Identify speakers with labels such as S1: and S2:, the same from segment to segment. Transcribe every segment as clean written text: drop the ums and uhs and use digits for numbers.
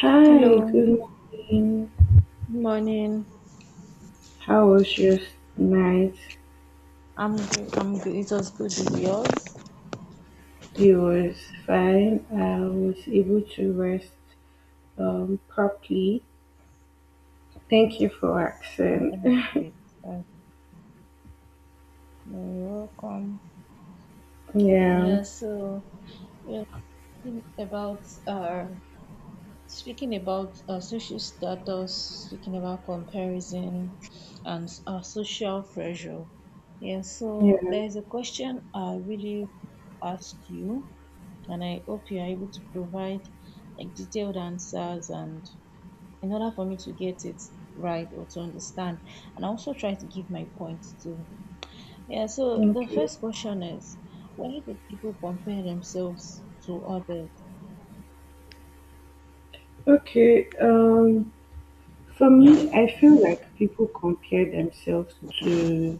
S1: Hi,
S2: Hello,
S1: good morning.
S2: good morning.
S1: How was your night?
S2: I'm good. I'm good. It was good with yours.
S1: It was fine. I was able to rest properly. Thank you for
S2: Oh, that's
S1: asking.
S2: great. Uh, You're welcome.
S1: Yeah,
S2: Yeah. So, yeah, thinking about speaking about social status, speaking about comparison, and social pressure. Yeah. So
S1: yeah.
S2: there is a question I really ask you, and I hope you are able to provide like detailed answers and in order for me to get it right or to understand. And I also try to give my points too. Yeah, so the
S1: Okay.
S2: first question is, why do people compare themselves to others?
S1: Okay. Um, for me, I feel like people compare themselves to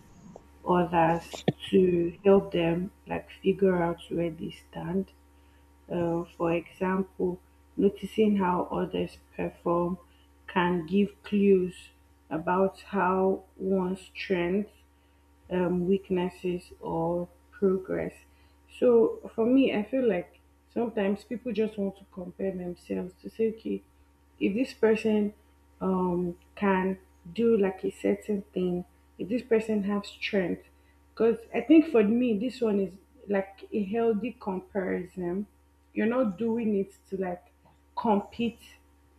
S1: others to help them like figure out where they stand. For example, noticing how others perform can give clues about how one's strengths, weaknesses, or progress. So for me, I feel like sometimes people just want to compare themselves to say, okay, if this person can do like a certain thing if this person have strength because I think for me this one is like a healthy comparison. You're not doing it to like compete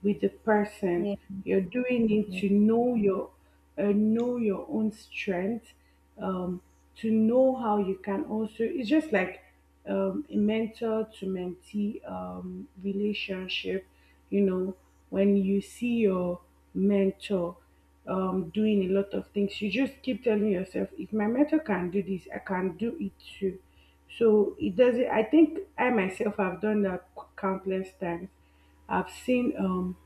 S1: with the person,
S2: Yeah.
S1: you're doing it
S2: Mhm.
S1: to know your own strength um to know how you can also it's just like a mentor to mentee relationship. You know, when you see your mentor, doing a lot of things, you just keep telling yourself, if my mentor can do this, I can do it too. So it doesn't, I think I myself have done that countless times. I've seen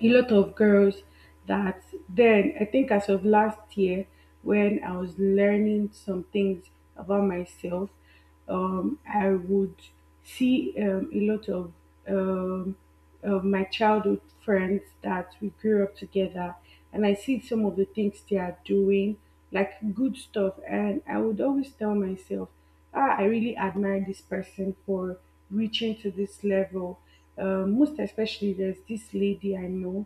S1: a lot of girls that then I think as of last year when I was learning some things about myself, I would see a lot um, of my childhood friends that we grew up together, and I see some of the things they are doing, like good stuff, and I would always tell myself ah, I really admire this person for reaching to this level. Most especially, there's this lady I know,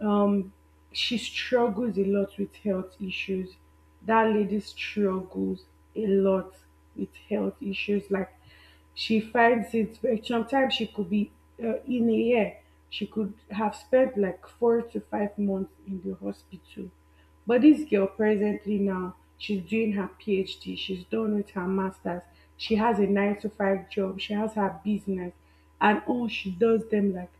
S1: um she struggles a lot with health issues. That lady struggles a lot with health issues. Like she finds it very sometimes she could be, in a year she could have spent like 4 to 5 months in the hospital, but this girl presently now she's doing her PhD, she's done with her masters, she has a 9 to 5 job, she has her business, and all she does them like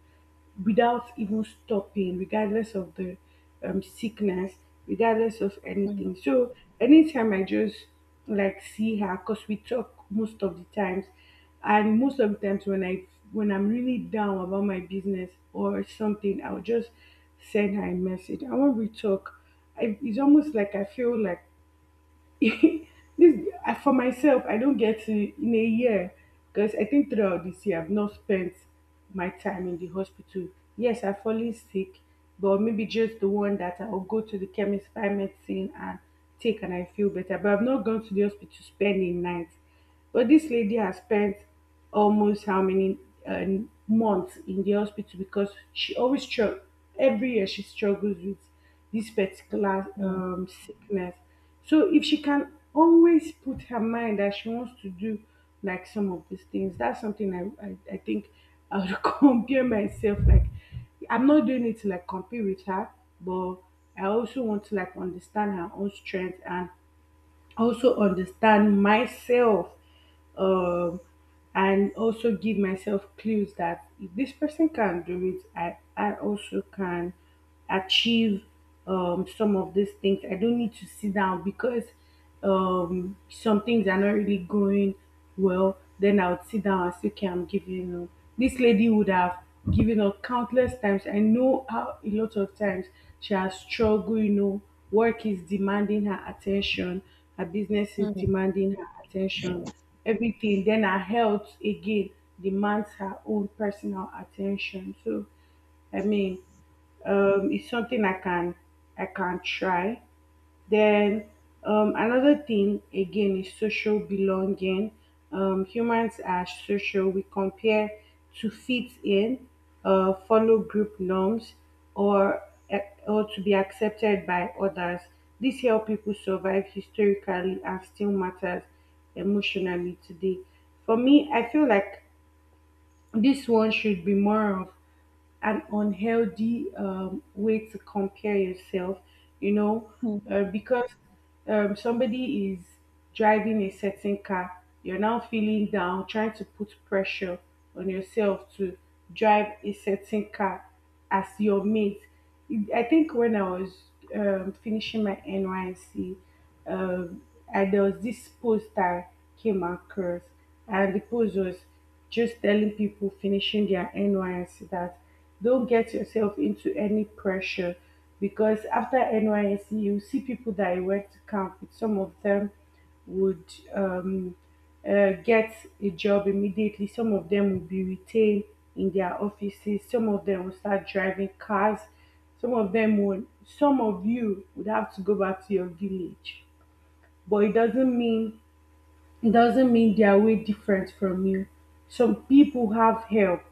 S1: without even stopping, regardless of the sickness, regardless of anything. So anytime I just like see her, cause we talk most of the times, and most of the times when I when I'm really down about my business or something, I'll just send her a message. I will we talk. I, it's almost like I feel like this for myself I don't get to in a year because I think throughout this year I've not spent my time in the hospital. Yes, I've fallen sick but maybe just the one that I'll go to the chemist buy medicine and take and I feel better, but I've not gone to the hospital to spend a night. But this lady has spent almost how many uh, months in the hospital because she always struggle. Every year she struggles with this particular
S2: Mhm.
S1: sickness. So if she can always put her mind that she wants to do like some of these things, that's something I think I would compare myself like. I'm not doing it to like compete with her, but I also want to like understand her own strength and also understand myself, um, and also give myself clues that if this person can do it, I also can achieve some of these things. I don't need to sit down because some things are not really going well. Then I would sit down and say, okay, I'm giving up. This lady would have given up countless times. I know how a lot of times she has struggled, you know, work is demanding her attention, her business is
S2: Mhm.
S1: demanding her attention, everything. Then her health again demands her own personal attention. So I mean, it's something I can try. Then another thing again is social belonging. Humans are social. We compare to fit in, follow group norms, or uh, or to be accepted by others. This help people survive historically and still matters emotionally today. For me, I feel like this one should be more of an unhealthy way to compare yourself, you know,
S2: Mhm.
S1: because somebody is driving a certain car, you're now feeling down, trying to put pressure on yourself to drive a certain car as your mate. I think when I was finishing my NYC, um, and there was this post that came across, and the post was just telling people finishing their NYC that. Don't get yourself into any pressure because after NYSC, you see people that I went to camp with. Some of them would um, get a job immediately, some of them will be retained in their offices, some of them will start driving cars, some of them will, some of you would have to go back to your village. But it doesn't mean they are way different from you. Some people have help.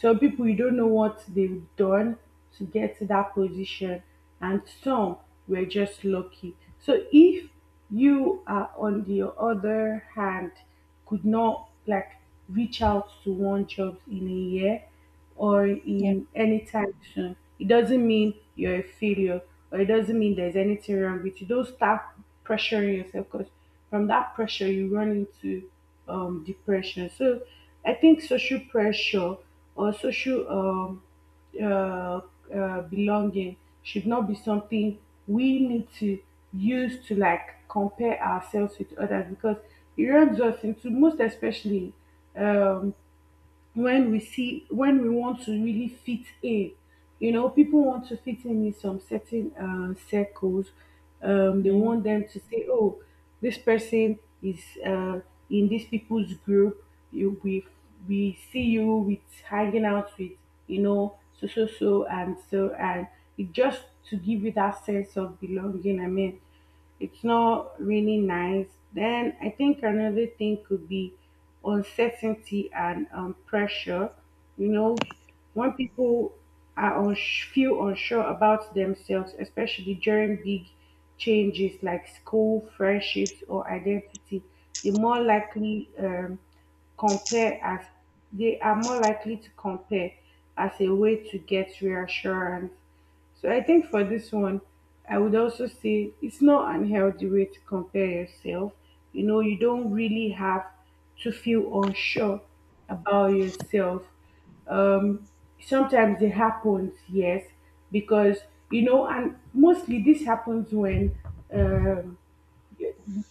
S1: Some people you don't know what they've done to get to that position, and some were just lucky. So if you are on the other hand could not like reach out to one job in a year or
S2: Yeah.
S1: in any time soon. It doesn't mean you're a failure or it doesn't mean there's anything wrong with you. Don't start pressuring yourself because from that pressure you run into depression. So I think social pressure or social uh, belonging should not be something we need to use to like compare ourselves with others because it runs us into most especially um, when we see when we want to really fit in, you know, people want to fit in some certain circles, they
S2: Yeah.
S1: want them to say oh this person is, in this people's group, you, we see you with hanging out with, you know, so so so and so and it just to give you that sense of belonging, I mean, it's not really nice. Then I think another thing could be uncertainty and pressure. You know, when people are feel unsure about themselves, especially during big changes like school, friendships, or identity, they more likely compare as they are more likely to compare as a way to get reassurance. So I think for this one, I would also say it's not an healthy way to compare yourself. You know, you don't really have to feel unsure about yourself. Um, Sometimes it happens, yes, because you know, and mostly this happens um,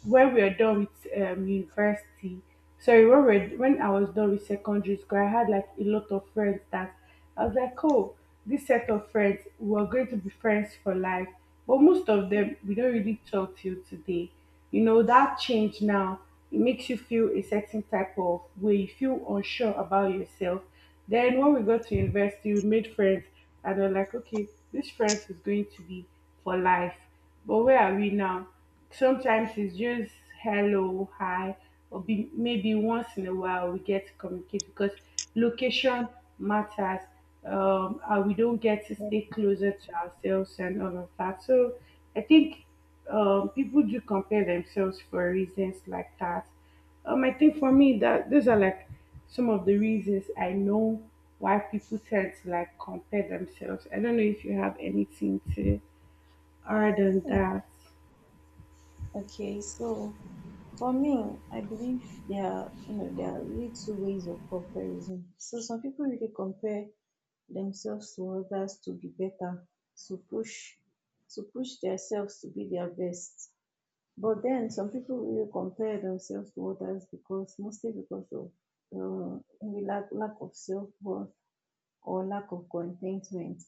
S1: when we are done with university, sorry, when we were, when I was done with secondary school, I had like a lot of friends that I was like, oh, this set of friends, we're going to be friends for life. But most of them, we don't really talk till today. You know, that change now, it makes you feel a certain type of way, you feel unsure about yourself. Then when we got to university, we made friends and we're like, okay, this friends is going to be for life but where are we now? Sometimes it's just hello, hi, or be, maybe once in a while we get to communicate because location matters. We don't get to
S2: Yeah.
S1: stay closer to ourselves and all of that. So I think people do compare themselves for reasons like that. I think for me that those are like some of the reasons I know why people tend to like compare themselves. I don't know if you have anything to other than
S2: Oh,
S1: that,
S2: okay. So for me, I believe there are, you know, there are really two ways of comparison. So some people really compare themselves to others to be better, to push, to push themselves to be their best. But then some people really compare themselves to others, because mostly because of maybe lack of self worth or lack of contentment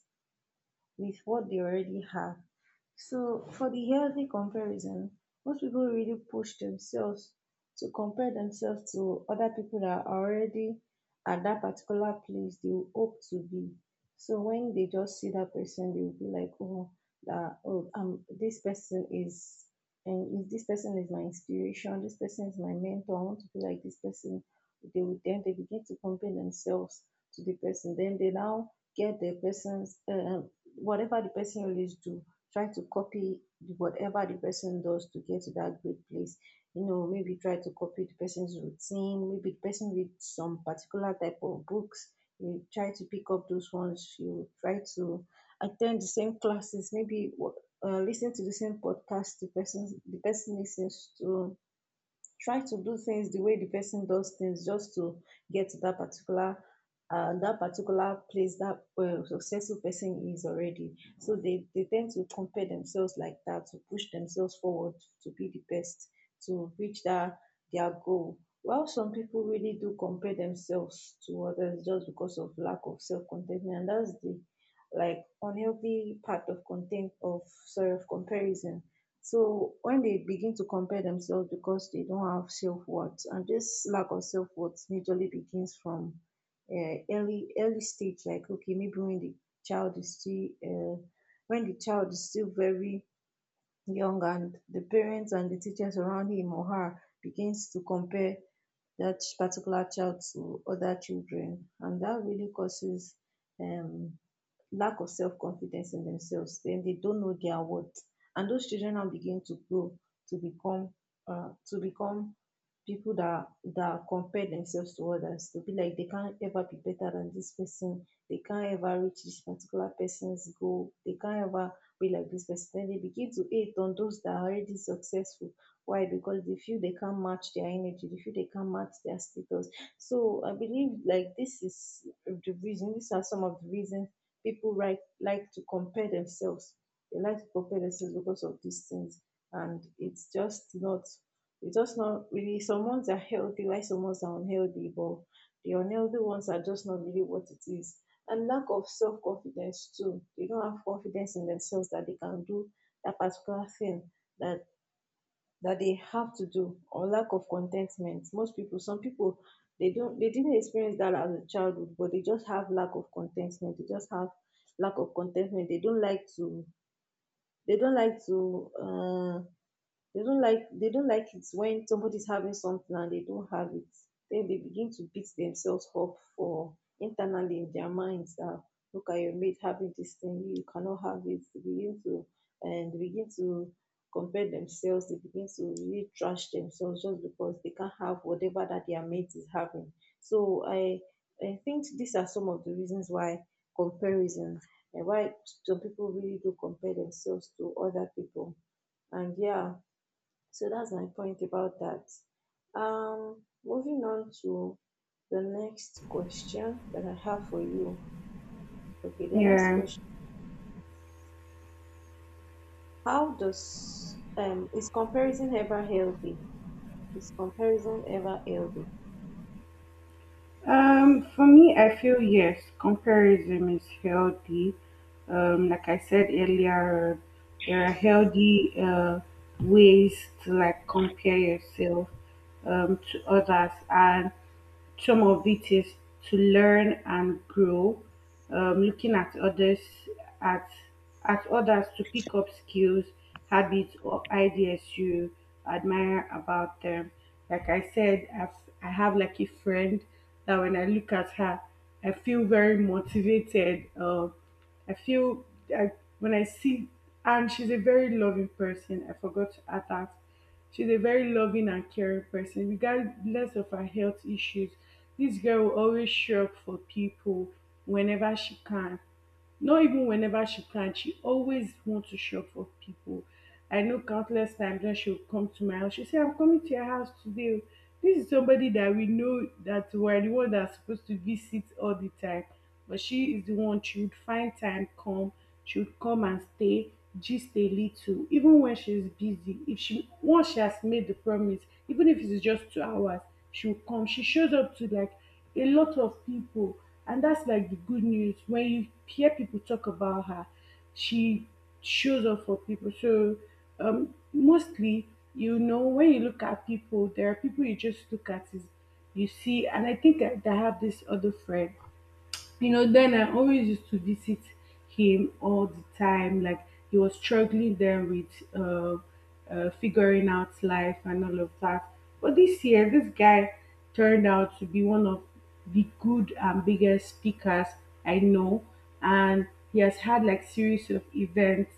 S2: with what they already have. So for the healthy comparison, most people really push themselves to compare themselves to other people that are already at that particular place they hope to be. So when they just see that person, they will be like, oh, that oh, this person is, and if this person is my inspiration. This person is my mentor. I want to be like this person. They would then they begin to compare themselves to the person. Then they now get the person's um, whatever the person else do, try to copy whatever the person does to get to that great place. You know, maybe try to copy the person's routine. Maybe the person reads some particular type of books. You try to pick up those ones. You try to attend the same classes. Maybe listen to the same podcast the person listens to, try to do things the way the person does things just to get to that particular place that successful person is already. So they tend to compare themselves like that to push themselves forward, to be the best, to reach that their goal. While some people really do compare themselves to others just because of lack of self-contentment, and that's the like unhealthy part of content of sorry of comparison so when they begin to compare themselves because they don't have self-worth, and this lack of self-worth majorly begins from early stage, like okay, maybe when the child is still when the child is still very young, and the parents and the teachers around him or her begins to compare that particular child to other children, and that really causes um, lack of self confidence in themselves. Then they don't know their worth, and those children now begin to grow to become uh, to become people that compare themselves to others, to be like they can't ever be better than this person, they can't ever reach this particular person's goal, they can't ever be like this person. Then they begin to hate on those that are already successful. Why? Because they feel they can't match their energy, they feel they can't match their status. So I believe like this is the reason, these are some of the reasons people like to compare themselves. They like to compare themselves because of these things, and it's just not. It's just not really. Some ones are healthy, while some ones are unhealthy, but the unhealthy ones are just not really what it is. And lack of self confidence too. They don't have confidence in themselves that they can do that particular thing that that they have to do, or lack of contentment. Most people, some people, they didn't experience that as a childhood, but they just have lack of contentment. They just have lack of contentment. They don't like to, they don't like to they don't like it when somebody's having something and they don't have it. Then they begin to beat themselves up for internally in their minds that, look at your mate having this thing, you cannot have it. They begin to compare themselves, they begin to really trash themselves just because they can't have whatever that their mate is having. So I think these are some of the reasons why comparison and why some people really do compare themselves to other people. And yeah, so that's my point about that. Moving on to the next question that I have for you. Okay, the next
S1: yeah.
S2: question: How does is comparison ever healthy? Is comparison ever healthy?
S1: For me, I feel yes, comparison is healthy. Like I said earlier, there are healthy ways to like compare yourself to others, and some of it is to learn and grow, looking at at others to pick up skills, habits, or ideas you admire about them. Like I said, I've, I have like a friend that when I look at her, I feel very motivated. I feel I when I see and she's a very loving person. I forgot to add that. She's a very loving and caring person, regardless of her health issues. This girl will always show up for people whenever she can. Not even whenever she can, she always wants to shop for people. I know countless times when she'll come to my house, she'll say, I'm coming to your house today. Oh. This is somebody that we know that we're the one that's supposed to visit all the time. But she is the one she would find time, come. She would come and stay, gist a little, even when she's busy. If she once she has made the promise, even if it's just 2 hours, she'll come. She shows up to like a lot of people, and that's like the good news. When you hear people talk about her, she shows up for people. So, mostly, when you look at people, there are people you just look at, is, you see, and I think I have this other friend. Then I always used to visit him all the time. Like, he was struggling then with figuring out life and all of that, but this year, this guy turned out to be one of the good and biggest speakers I know. And he has had like series of events,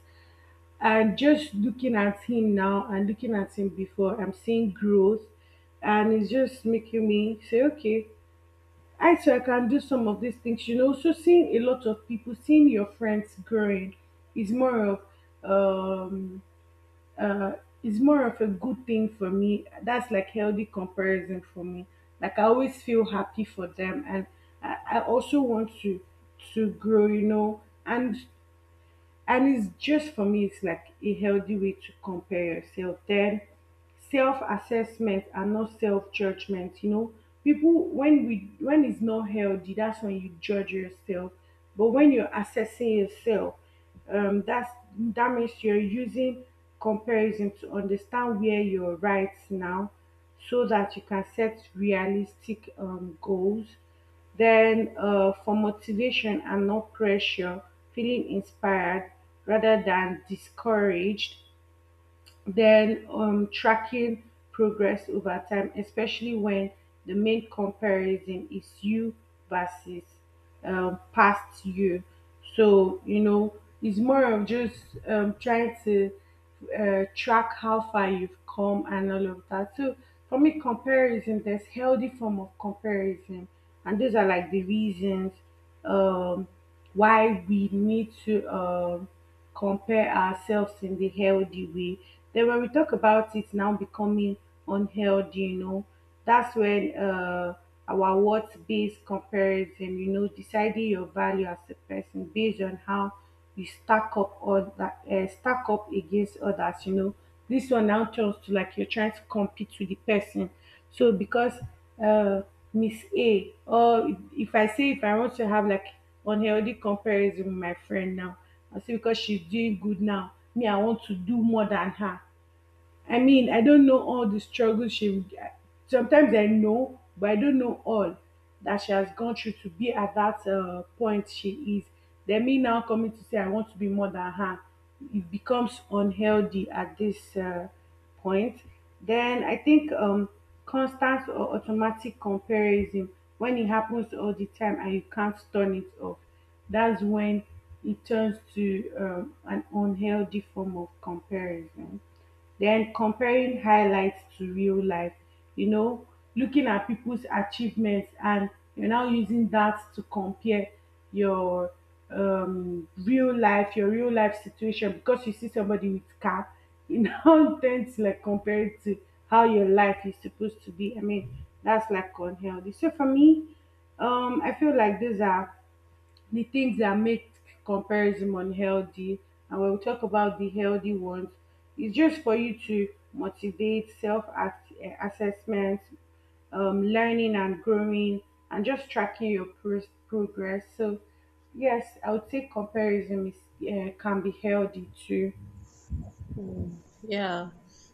S1: and just looking at him now and looking at him before, I'm seeing growth. And it's just making me say, okay, I too, I can do some of these things. You know, so seeing a lot of people, seeing your friends growing is more of um uh a good thing for me. That's like healthy comparison for me. Like, I always feel happy for them, and I also want to grow. And it's just for me, it's like a healthy way to compare yourself, then self-assessment and not self-judgment. People, when it's not healthy, that's when you judge yourself. But when you're assessing yourself, um that's that means you're using comparison to understand where you're right now, so that you can set realistic goals, then, for motivation and not pressure, feeling inspired rather than discouraged, then tracking progress over time, especially when the main comparison is you versus past you. So, it's more of just trying to track how far you've come and all of that. So, for me, comparison, there's healthy form of comparison. And those are like the reasons um, why we need to. Compare ourselves in the healthy way. Then when we talk about it now becoming unhealthy, that's when our worth based comparison, deciding your value as a person based on how you stack up, or that stack up against others. This one now turns to like you're trying to compete with the person. So because uh Miss A, or if I say, if I want to have like unhealthy comparison with my friend now, I say because she's doing good now, me, I want to do more than her. I mean, I don't know all the struggles she would get. Sometimes I know, but I don't know all that she has gone through to be at that point she is. Then me now coming to say I want to be more than her, it becomes unhealthy at this point. Then I think constant or automatic comparison, when it happens all the time and you can't turn it off, that's when it turns to an unhealthy form of comparison. Then comparing highlights to real life, you know, looking at people's achievements and you're now using that to compare your real life situation, because you see somebody with car, you now tend to like compare it to how your life is supposed to be. I mean, that's like unhealthy. So for me, I feel like these are the things that make comparison unhealthy. And when we talk about the healthy ones, it's just for you to motivate, self assessment, learning and growing, and just tracking your progress. So, yes, I would say comparison can be healthy too.
S2: Hmm. Yeah.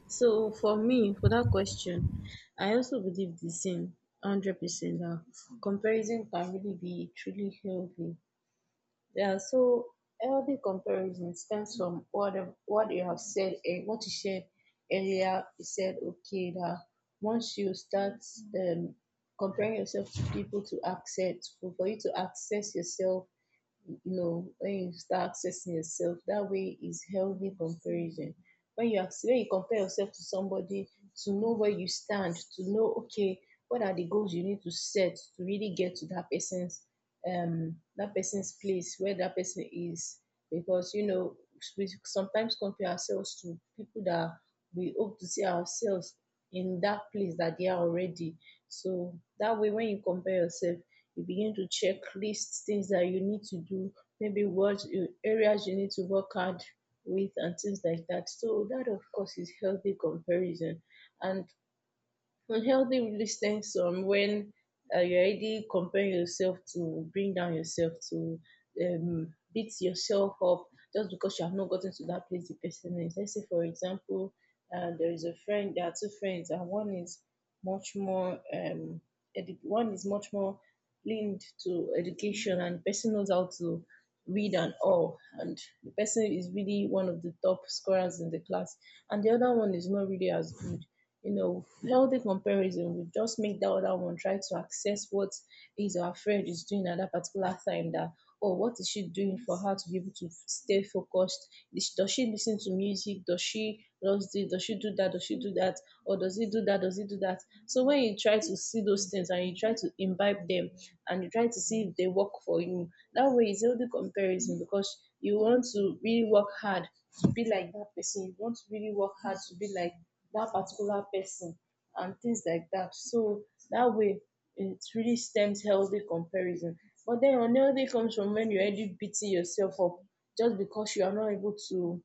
S2: So for me, for that question, I also believe the same, 100%. That comparison can really be truly healthy. Yeah, so healthy comparison stems from what you have said and what you shared earlier. You said, okay, that once you start um, comparing yourself to people to access for you to access yourself. You know, when you start accessing yourself that way is healthy comparison. When you compare yourself to somebody to know where you stand, to know, okay, what are the goals you need to set to really get to that person's um, that person's place where that person is. Because you know, we sometimes compare ourselves to people that we hope to see ourselves in that place that they are already. So that way, when you compare yourself, you begin to checklist things that you need to do, maybe what areas you need to work hard with and things like that. So that of course is healthy comparison. And unhealthy really stems from when you already compare yourself to bring down yourself, to beat yourself up just because you have not gotten to that place the person is. Let's say for example, there is a friend, there are two friends, and one is much more um one is much more leaned to education, and person knows how to read and all, and the person is really one of the top scorers in the class, and the other one is not really as good. You know, healthy comparison will just make that other one try to access what his or her friend is doing at that particular time, that or what is she doing for her to be able to stay focused? Does she listen to music? Does she does this? Does she do that? Does she do that? Or does he do that? Does he do that? So when you try to see those things and you try to imbibe them, and you try to see if they work for you, that way it's healthy comparison, because you want to really work hard to be like that person. You want to really work hard to be like that particular person and things like that. So that way, it really stems healthy comparison. But then unhealthy comes from when you're already beating yourself up just because you are not able to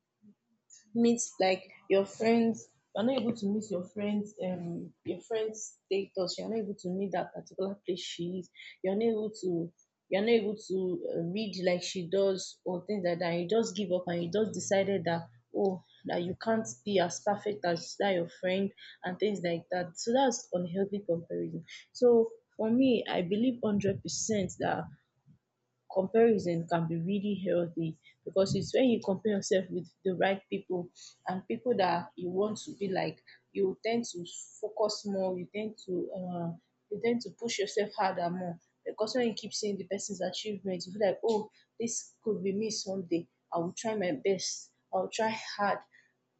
S2: meet like your friends, you're not able to meet your friends um, your friends status, you're not able to meet that particular place she is, you're not able to you're not able to read like she does or things like that. You just give up, and you just decided that, oh, that you can't be as perfect as that your friend and things like that. So that's unhealthy comparison. So for me, I believe 100% that comparison can be really healthy, because it's when you compare yourself with the right people and people that you want to be like, you tend to focus more, you tend to push yourself harder more. Because when you keep seeing the person's achievements, you feel like, oh, this could be me someday. I will try my best. I'll try hard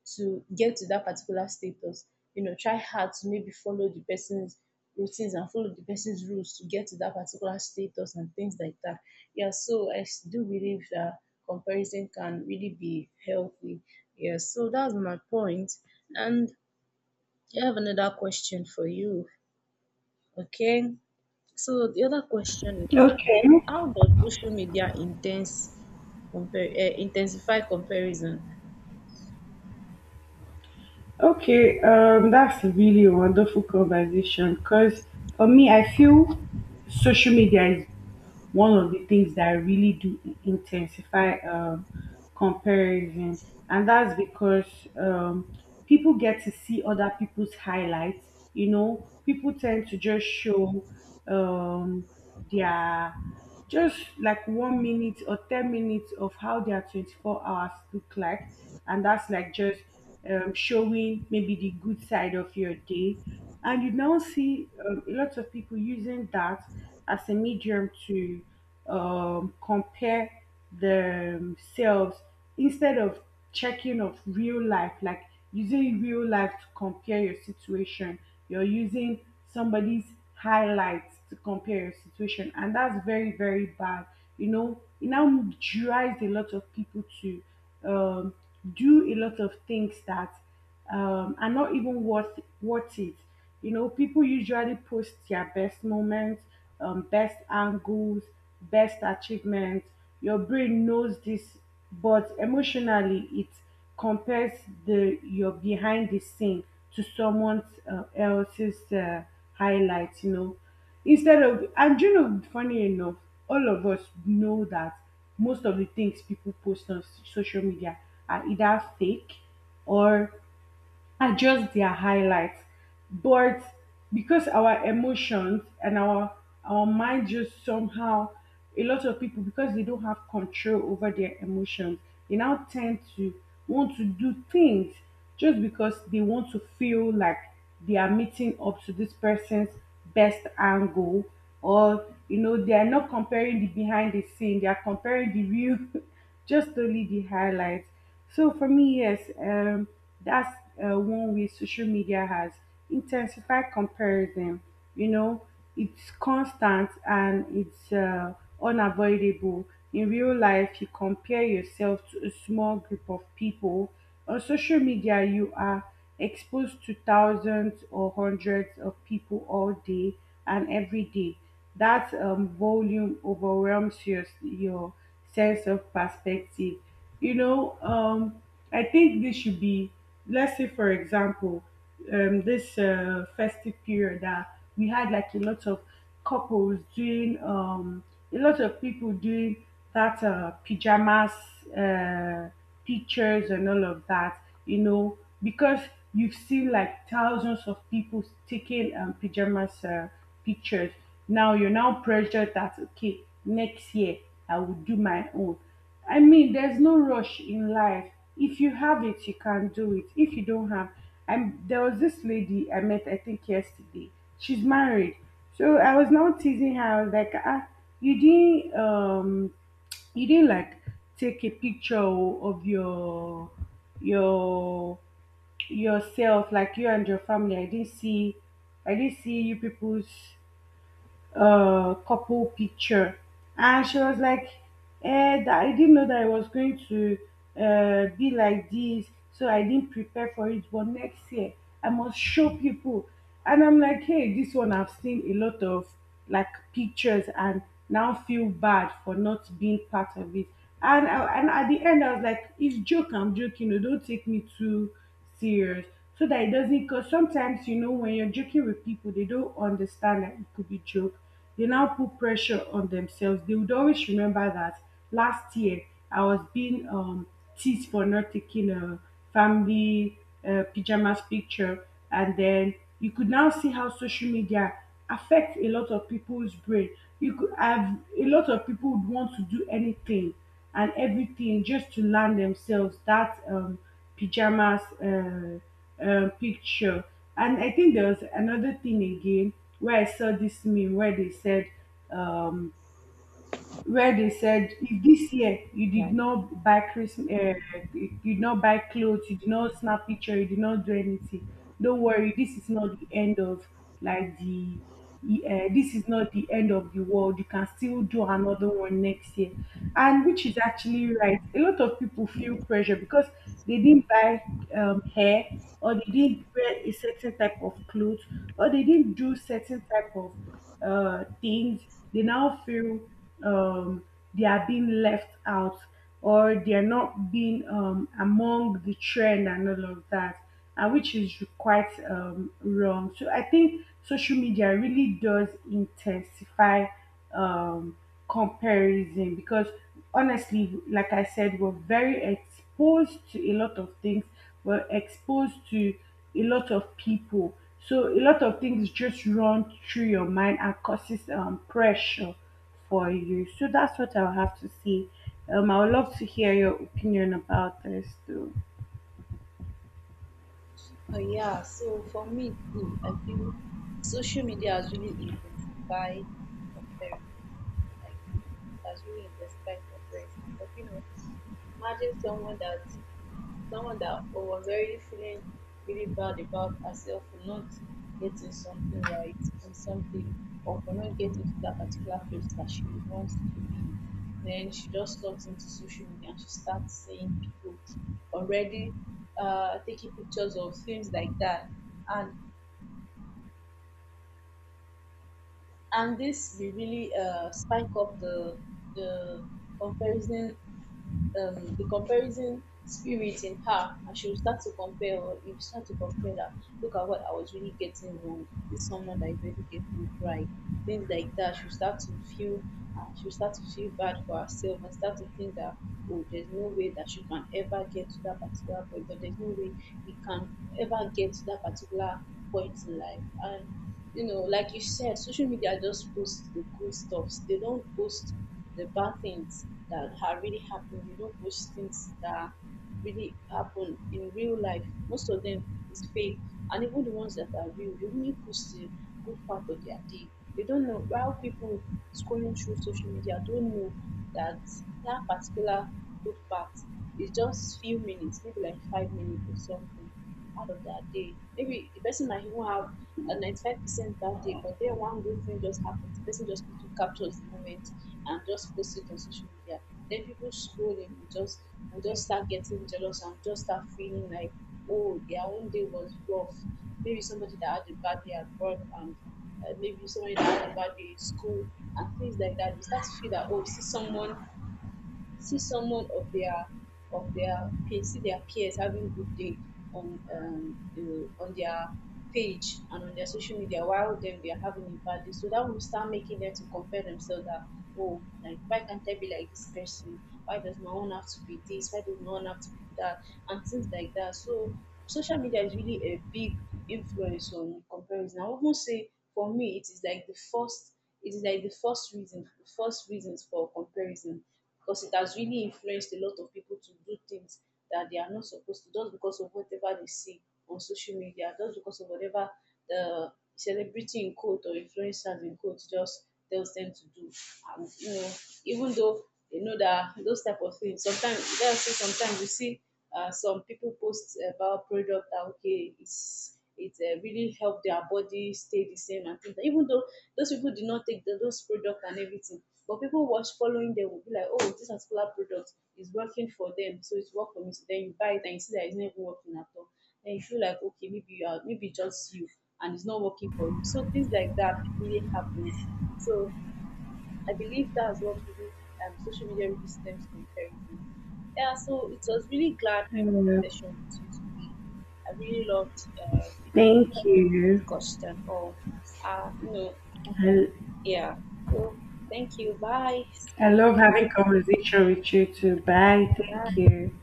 S2: to get to that particular status. You know, try hard to maybe follow the person's routines and follow the person's rules to get to that particular status and things like that. Yeah, so do believe that comparison can really be healthy. Yeah, so that's my point. And I have another question for you. Okay, so the other question is,
S1: Okay.
S2: how does social media intensify comparison?
S1: Okay, that's really a really wonderful conversation, because for me, I feel social media is one of the things that really do intensify comparison, and that's because um, people get to see other people's highlights. You know, people tend to just show um, their, just like, 1 minute or 10 minutes of how their 24 hours look like. And that's like just showing maybe the good side of your day. And you now see lots of people using that as a medium to compare themselves, instead of checking of real life, like using real life to compare your situation, you're using somebody's highlights to compare your situation. And that's very very bad. It now drives a lot of people to um, do a lot of things that are not even worth it. You know, people usually post their best moments, best angles, best achievements. Your brain knows this, but emotionally, it compares the your behind the scene to someone else's highlights. You know, funny enough, all of us know that most of the things people post on social media are either fake or are just their highlights. But because our emotions and our mind just somehow, a lot of people, because they don't have control over their emotions, they now tend to want to do things just because they want to feel like they are meeting up to this person's best angle, or they are not comparing the behind the scene, they are comparing the real just only the highlights. So for me, yes, that's one way social media has intensified comparison. You know, it's constant and it's unavoidable. In real life, you compare yourself to a small group of people. On social media, you are exposed to thousands or hundreds of people all day and every day. That volume overwhelms your sense of perspective. You know um i think this should be, let's say for example, this festive period that we had, like a lot of couples doing, a lot of people doing that pajamas uh pictures and all of that. You know, because you've seen like thousands of people taking pajamas, pictures. Now you're now pressured that, okay, next year I will do my own. I mean, there's no rush in life. If you have it, you can do it. If you don't have, I'm there was this lady I met, I think, yesterday. She's married, so I was now teasing her. I was like, ah, you didn't, um, you didn't like take a picture of your, yourself, like you and your family. I didn't see you people's couple picture. And she was like, that I didn't know that I was going to be like this, so I didn't prepare for it, but next year I must show people. And I'm like, hey, this one, I've seen a lot of like pictures and now feel bad for not being part of it. And and at the end I was like, it's joke, I'm joking, oh, don't take me too serious, so that it doesn't cause. Sometimes when you're joking with people, they don't understand that it could be joke. They now put pressure on themselves. They would always remember that last year, I was being teased for not taking a family pajamas picture. And then you could now see how social media affects a lot of people's brain. You could have a lot of people would want to do anything and everything just to land themselves that pajamas picture. And I think there was another thing again where I saw this meme, where they said um, where they said, if this year you did not buy Christmas, you did not buy clothes, you did not snap picture, you did not do anything. Don't worry, this is not the end of like the. This is not the end of the world. You can still do another one next year, and which is actually right. A lot of people feel pressure because they didn't buy hair, or they didn't wear a certain type of clothes, or they didn't do certain type of things, they now feel um, they are being left out, or they are not being among the trend and all of that, and which is quite wrong. So I think social media really does intensify um, comparison, because honestly, like I said, we're very exposed to a lot of things, we're exposed to a lot of people, so a lot of things just run through your mind and causes pressure for you. So that's what I'll have to say. I would love to hear your opinion about this too.
S2: Yeah, so for me too, I feel social media has really intensified comparison. Like, it has really intensified comparison. But you know, imagine someone that was already feeling really bad about herself for not getting something right or something, or for not getting to that particular place that she wants to be. Then she just logs into social media and she starts seeing people already, taking pictures of things like that. And and this will really spike up the comparison the comparison spirit in her, and she will start to compare. Or if you start to compare that, look at what I was really getting wrong, this someone that is really getting it right, things like that, she'll start to feel she'll start to feel bad for herself and start to think that, oh, there's no way that she can ever get to that particular point, or there's no way he can ever get to that particular point in life. And you know, like you said, social media just posts the good stuffs. They don't post the bad things that are really happening. They don't post things that really happen in real life. Most of them is fake, and even the ones that are real, they only post the good part of their day. They don't know, while people scrolling through social media don't know that that particular good part is just few minutes, maybe like 5 minutes or something out of that day. Maybe the person might even have a 95% bad day, but then one good thing just happens. The person just quickly captures the moment and just posts it on social media. Then people scrolling will just start getting jealous and just start feeling like, oh, their own day was rough. Maybe somebody that had a bad day at work, and maybe somebody that had a bad day in school, and things like that. You start to feel that, oh, you see someone of their peers, see their peers having good day on on their page and on their social media, while them they are having a bad day. So that will start making them to compare themselves, that, oh, like, why can't I be like this person? Why does my own have to be this? Why does my own have to be that? And things like that. So social media is really a big influence on comparison. I won't say for me it is like the first it is like the first reason, the first reasons for comparison, because it has really influenced a lot of people to do things that they are not supposed to, just because of whatever they see on social media, just because of whatever the celebrity in quote or influencers in quote just tells them to do. And you know, even though they know that those type of things, sometimes, let's say sometimes you see, some people post about product that, okay, is it really helped their body stay the same and things, like, even though those people did not take those products and everything, but people was following them would be like, oh, this particular product is working for them, so it's work for me. So then you buy it and you see that it's not even working at all. Then you feel like, okay, maybe you are, maybe just you, and it's not working for you. So things like that really happens. So I believe that's what really, social media really stems comparison. Yeah, so it was really glad having
S1: Yeah.
S2: this session with you today. I really loved it
S1: Thank you.
S2: question or, you know,
S1: I,
S2: yeah. So thank you. Bye.
S1: I love having conversation with you too. Bye, thank
S2: Bye.
S1: you.